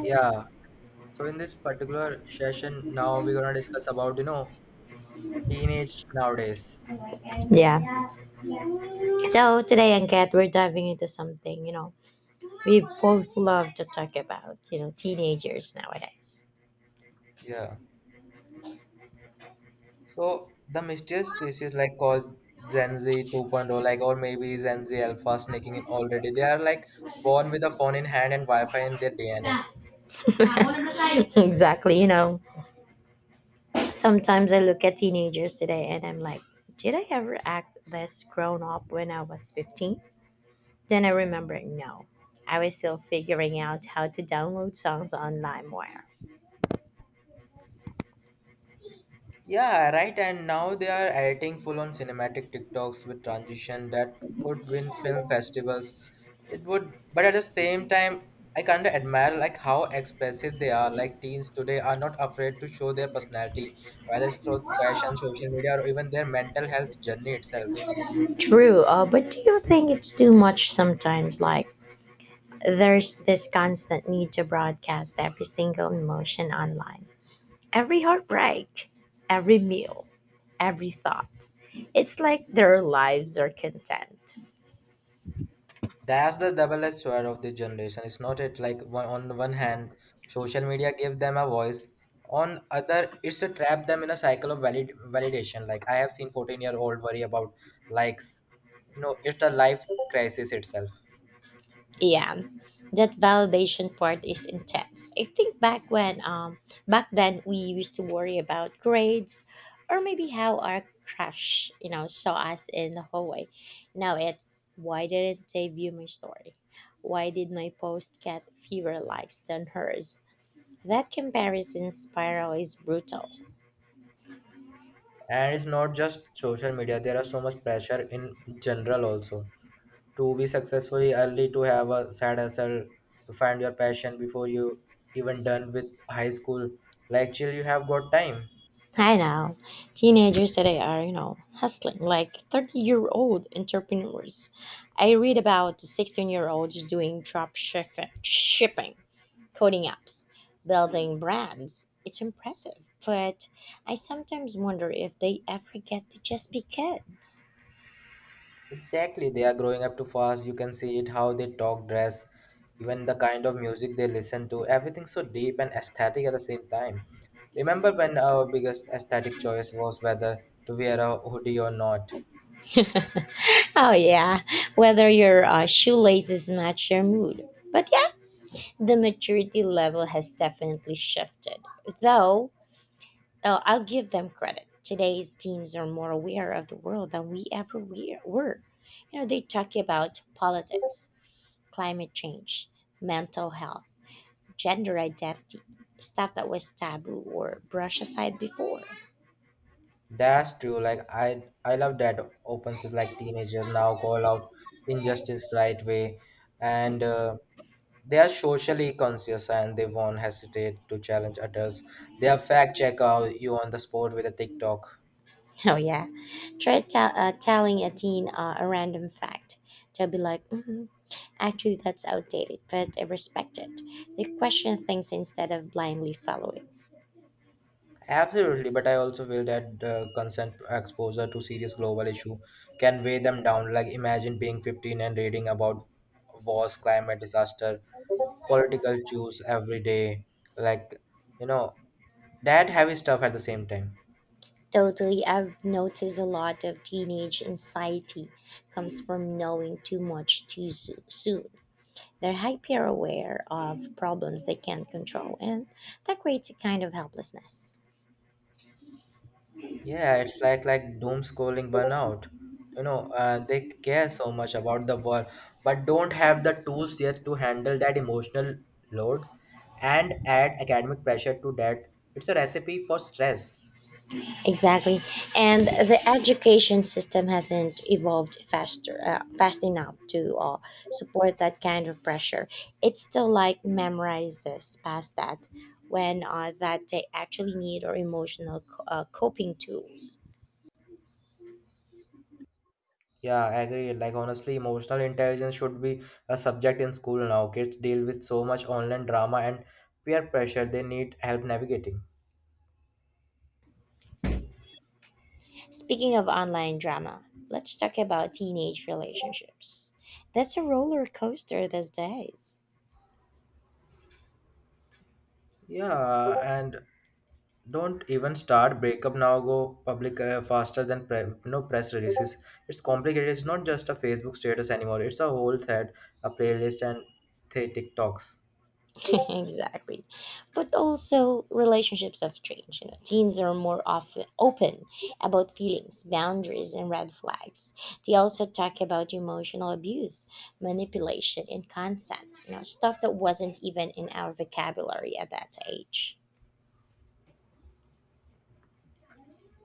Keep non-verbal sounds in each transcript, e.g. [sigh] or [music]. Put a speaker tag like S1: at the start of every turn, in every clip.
S1: Yeah. So in this particular session, now we're gonna discuss about teenage nowadays.
S2: Yeah. So today and Kat, we're diving into something, we both love to talk about, teenagers nowadays.
S1: Yeah. So the mysterious species like called Gen Z 2.0, like or maybe Gen Z Alpha sneaking in already. They are like born with a phone in hand and Wi-Fi in their DNA.
S2: [laughs] Exactly. You know, sometimes I look at teenagers today and I'm like, did I ever act this grown up when I was 15? Then I remember, no, I was still figuring out how to download songs on LimeWire.
S1: Yeah, right. And now they are editing full-on cinematic TikToks with transition that could win film festivals. It would, but at the same time, I kind of admire like how expressive they are. Like teens today are not afraid to show their personality, whether it's through fashion, social media, or even their mental health journey itself.
S2: True, but do you think it's too much sometimes? Like, there's this constant need to broadcast every single emotion online. Every heartbreak, every meal, every thought. It's like their lives are content.
S1: That's the double-edged sword of the generation. It's not it like one on one hand, social media gives them a voice. On other, it's a trap them in a cycle of valid validation. Like I have seen 14-year-old worry about likes. You know, it's a life crisis itself.
S2: Yeah. That validation part is intense. I think back when back then we used to worry about grades or maybe how our crush, you know, saw us in the hallway. Now it's why didn't they view my story? Why did my post get fewer likes than hers? That comparison spiral is brutal.
S1: And it's not just social media, there are so much pressure in general also to be successfully early, to have a side hustle, to find your passion before you even done with high school. Like chill, you have got time.
S2: I know. Teenagers today are, you know, hustling like 30-year-old entrepreneurs. I read about 16-year-olds doing drop shipping, coding apps, building brands. It's impressive, but I sometimes wonder if they ever get to just be kids.
S1: Exactly, they are growing up too fast. You can see it how they talk, dress, even the kind of music they listen to. Everything so deep and aesthetic at the same time. Remember when our biggest aesthetic choice was whether to wear a hoodie or not.
S2: [laughs] Oh yeah, whether your shoelaces match your mood. But yeah, the maturity level has definitely shifted. Though, I'll give them credit. Today's teens are more aware of the world than were. You know, they talk about politics, climate change, mental health, gender identity, stuff that was taboo or brushed aside before. [laughs]
S1: That's true. Like I love that opens is like teenagers now call out injustice right way, and they are socially conscious and they won't hesitate to challenge others. They are fact check out you on the spot with a TikTok.
S2: Oh, yeah. Try tell Telling a teen a random fact. They'll be like, mm actually, that's outdated, but I respect it. They question things instead of blindly following.
S1: Absolutely, but I also feel that consent exposure to serious global issue can weigh them down. Like imagine being 15 and reading about wars, climate disaster, political issues every day. Like you know that heavy stuff at the same time.
S2: Totally, I've noticed a lot of teenage anxiety comes from knowing too much too soo- soon. They're hyper aware of problems they can't control, and that creates a kind of helplessness.
S1: Yeah, it's like doom scrolling burnout. You know, they care so much about the world, but don't have the tools yet to handle that emotional load, and add academic pressure to that. It's a recipe for stress.
S2: Exactly, and the education system hasn't evolved fast enough to support that kind of pressure. It's still like memorizes past that when that they actually need or emotional coping tools.
S1: Yeah, I agree. Like honestly, emotional intelligence should be a subject in school now. Kids deal with so much online drama and peer pressure. They need help navigating.
S2: Speaking of online drama, let's talk about teenage relationships. That's a roller coaster these days.
S1: Yeah, and don't even start breakup now. Go public faster than no press releases. It's complicated. It's not just a Facebook status anymore. It's a whole thread, a playlist, and three TikToks.
S2: [laughs] Exactly. But also relationships have changed. You know, teens are more often open about feelings, boundaries, and red flags. They also talk about emotional abuse, manipulation, and consent. You know, stuff that wasn't even in our vocabulary at that age.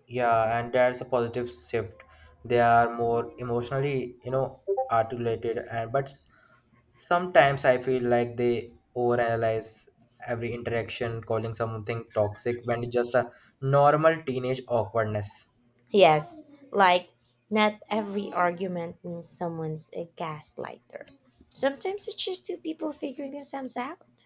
S1: Yeah, and that's a positive shift. They are more emotionally, you know, articulated, and but sometimes I feel like they overanalyze every interaction, calling something toxic when it's just a normal teenage awkwardness.
S2: Yes, like not every argument means someone's a gaslighter. Sometimes it's just two people figuring themselves out.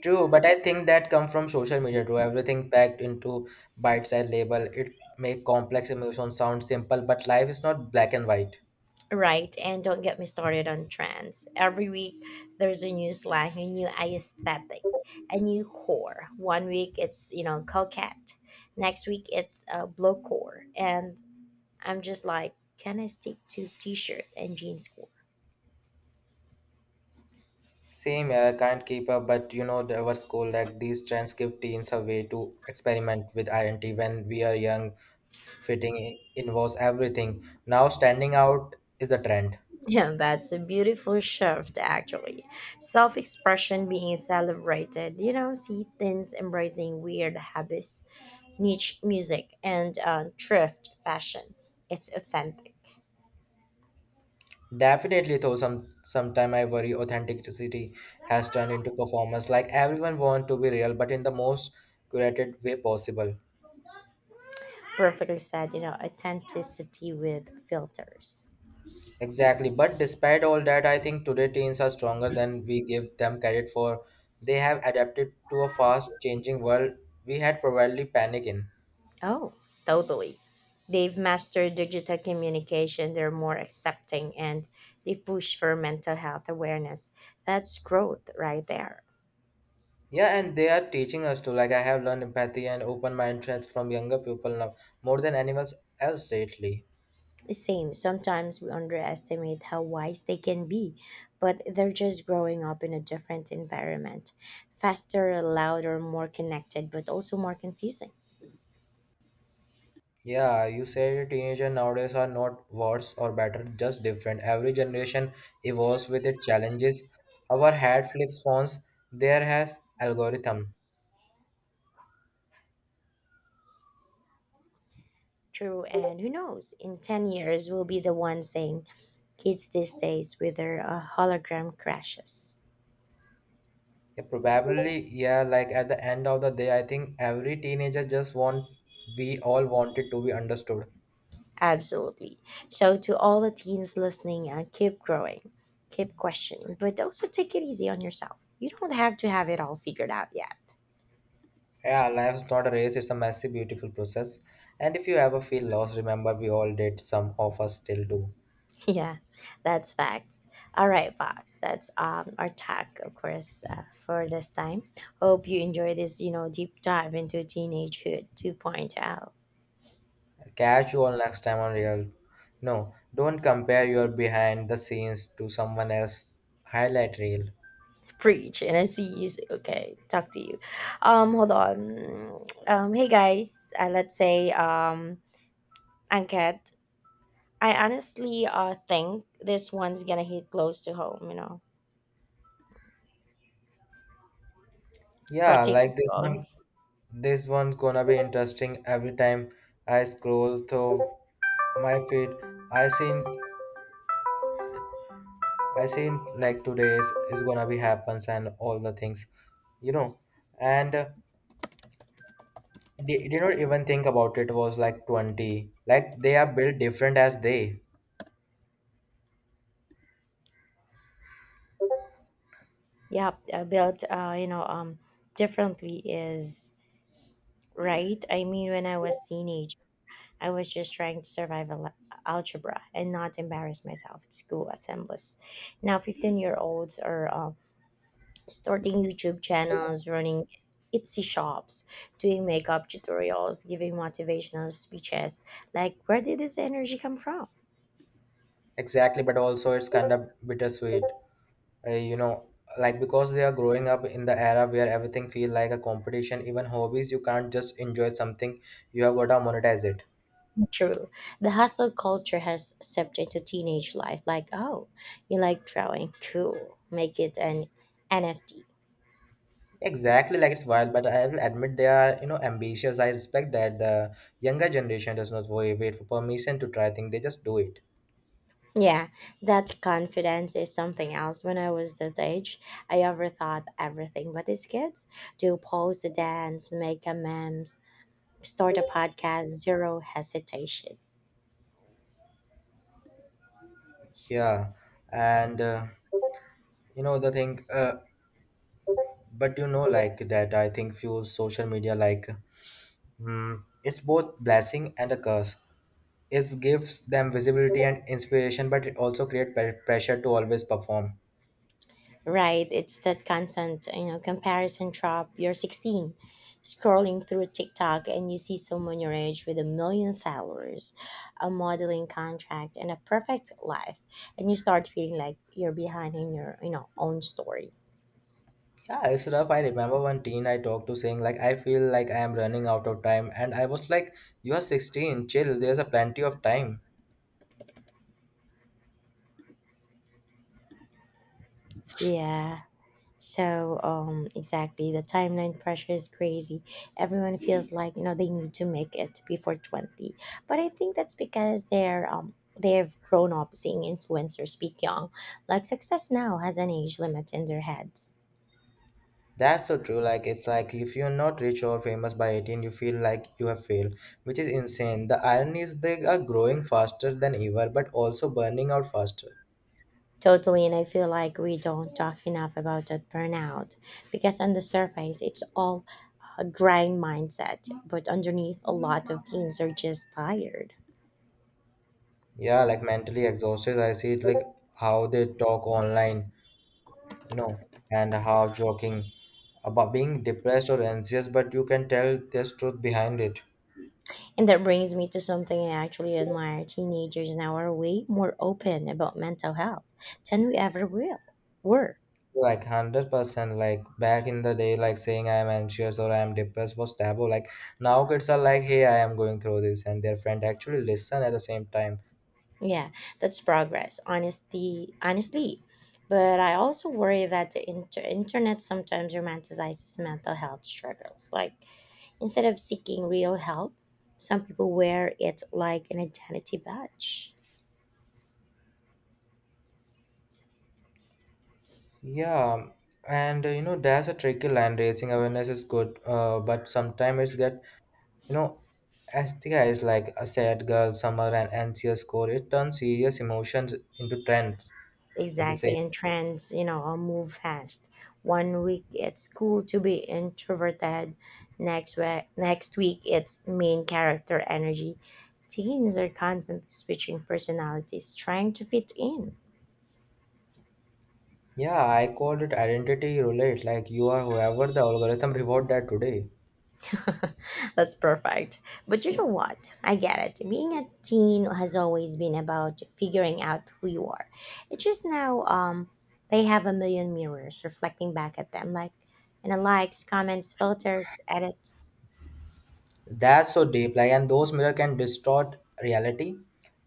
S1: True, but I think that come from social media too. Everything packed into bite-sized label. It make complex emotions sound simple, but life is not black and white.
S2: Right, and don't get me started on trends. Every week there's a new slang, a new aesthetic, a new core. One week it's, you know, coquette. Next week it's a blow core. And I'm just like, can I stick to t shirt and jeans core?
S1: Same, yeah, I can't keep up, but you know, there was cool. Like these trends give teens a way to experiment with identity when we are young. Fitting in involves everything. Now, standing out is the trend.
S2: Yeah, that's a beautiful shift, actually. Self expression being celebrated, you know, see things embracing weird habits, niche music, and thrift fashion. It's authentic.
S1: Definitely, though, sometime I worry authenticity has turned into performance. Like everyone want to be real, but in the most curated way possible.
S2: Perfectly said, you know, authenticity with filters.
S1: Exactly. But despite all that, I think today teens are stronger than we give them credit for. They have adapted to a fast changing world we had probably panic in.
S2: Oh, totally. They've mastered digital communication, they're more accepting, and they push for mental health awareness. That's growth right there.
S1: Yeah, and they are teaching us to, like I have learned empathy and open mindedness from younger people now more than anyone else lately.
S2: Same. Sometimes we underestimate how wise they can be, but they're just growing up in a different environment. Faster, louder, more connected, but also more confusing.
S1: Yeah, you say teenagers nowadays are not worse or better, just different. Every generation evolves with its challenges. Our head flips phones, there has algorithm.
S2: True, and who knows, in 10 years, we'll be the one saying kids these days with their hologram crashes.
S1: Yeah, probably, yeah, like at the end of the day, I think every teenager just want, we all wanted to be understood.
S2: Absolutely. So, to all the teens listening, keep growing, keep questioning, but also take it easy on yourself. You don't have to have it all figured out yet.
S1: Yeah, life's not a race, it's a messy, beautiful process. And if you ever feel lost, remember we all did, some of us still do.
S2: Yeah, that's facts. All right, Fox. That's our talk, of course, for this time. Hope you enjoy this, you know, deep dive into teenagehood 2.0.
S1: Catch you all next time on Real. No, don't compare your behind the scenes to someone else highlight reel.
S2: Preach, and I see you. Okay, talk to you. Hold on. Hey guys. Let's say Anket. I honestly think this one's gonna hit close to home. You know,
S1: Yeah,
S2: protect.
S1: like this one, this one's gonna be interesting. Every time I scroll through my feed, I seen I seen like today is gonna be happens and all the things, you know, and they did not even think about it, was like 20. Like they are built different as they
S2: Yeah, built. You know, differently is right? I mean, when I was teenage, I was just trying to survive algebra and not embarrass myself at school assemblies. Now, 15-year-olds are starting YouTube channels, running Etsy shops, doing makeup tutorials, giving motivational speeches. Like, where did this energy come from?
S1: exactly, but also it's kind of bittersweet, you know, like because they are growing up in the era where everything feel like a competition, even hobbies. You can't just enjoy something; you have got to monetize it.
S2: True. The hustle culture has seeped into teenage life. Like, oh, you like drawing? Cool. Make it an NFT.
S1: Exactly, like it's wild, but I will admit they are, you know, ambitious. I respect that the younger generation does not wait for permission to try things; they just do it.
S2: Yeah, that confidence is something else. When I was that age, I overthought everything. But these kids do pose, dance, make a memes, start a podcast, zero hesitation.
S1: Yeah, and you know the thing, but you know, like that, I think few social media, like, it's both blessing and a curse. It gives them visibility and inspiration, but it also creates pressure to always perform.
S2: Right? It's that constant, you know, comparison trap. You're 16, scrolling through TikTok, and you see someone your age with a million followers, a modeling contract, and a perfect life, and you start feeling like you're behind in your, you know, own story.
S1: Yeah, it's rough. I remember one teen I talked to saying like, I feel like I am running out of time, and I was like, you are 16, chill. There's a plenty of time.
S2: Yeah. So, exactly, the timeline pressure is crazy. Everyone feels like you know they need to make it before 20, but I think that's because they've grown up seeing influencers speak young. Like success now has an age limit in their heads.
S1: That's so true. Like, it's like if you're not rich or famous by 18, you feel like you have failed, which is insane. The irony is they are growing faster than ever, but also burning out faster.
S2: Totally, and I feel like we don't talk enough about that burnout because on the surface it's all a grind mindset, but underneath a lot of teens are just tired.
S1: Yeah, like mentally exhausted. I see it like how they talk online, you know, and how joking about being depressed or anxious, but you can tell there's truth behind it.
S2: And that brings me to something I actually admire. Teenagers now are way more open about mental health than we ever will were.
S1: Like 100%. Like back in the day, like saying I am anxious or I am depressed was taboo. Like now kids are like, hey, I am going through this, and their friend actually listen at the same time.
S2: Yeah, that's progress. Honesty, honestly. But I also worry that the internet sometimes romanticizes mental health struggles. Like instead of seeking real help, some people wear it like an identity badge.
S1: Yeah, and you know that's a tricky line. Raising awareness is good, but sometimes it's get, you know, as the guys like a sad girl summer and anxious core. It turns serious emotions into trends at the
S2: Exactly,
S1: same.
S2: and trends, you know, move fast. One week it's cool to be introverted, next week it's main character energy. Teens are constantly switching personalities, trying to fit in.
S1: Yeah, I called it identity relate. Like you are whoever the algorithm reward that today.
S2: [laughs] That's perfect. But you know what? I get it. Being a teen has always been about figuring out who you are. It's just now they have a million mirrors reflecting back at them, like you know, likes, comments, filters, edits.
S1: That's so deep, like, and those mirror can distort reality.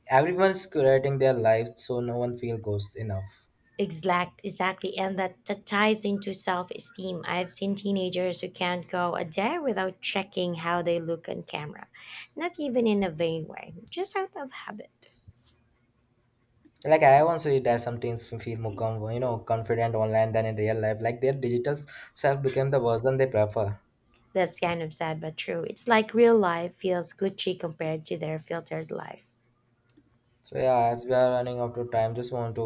S1: Everyone's curating their life, so no one feel goes enough.
S2: Exactly, and that ties into self esteem. I've seen teenagers who can't go a day without checking how they look on camera, not even in a vain way, just out of habit.
S1: Like I once read that some teens feel more you know confident online than in real life. Like their digital self became the version they prefer.
S2: That's kind of sad but true. It's like real life feels glitchy compared to their filtered life.
S1: So yeah, as we are running out of time, just want to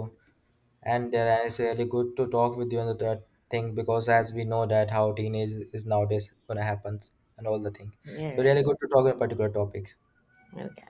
S1: end there, and it's really good to talk with you on the that thing because as we know that how teenage is nowadays gonna happen and all the thing.
S2: You're
S1: So
S2: right.
S1: really good to talk on a particular topic.
S2: Okay.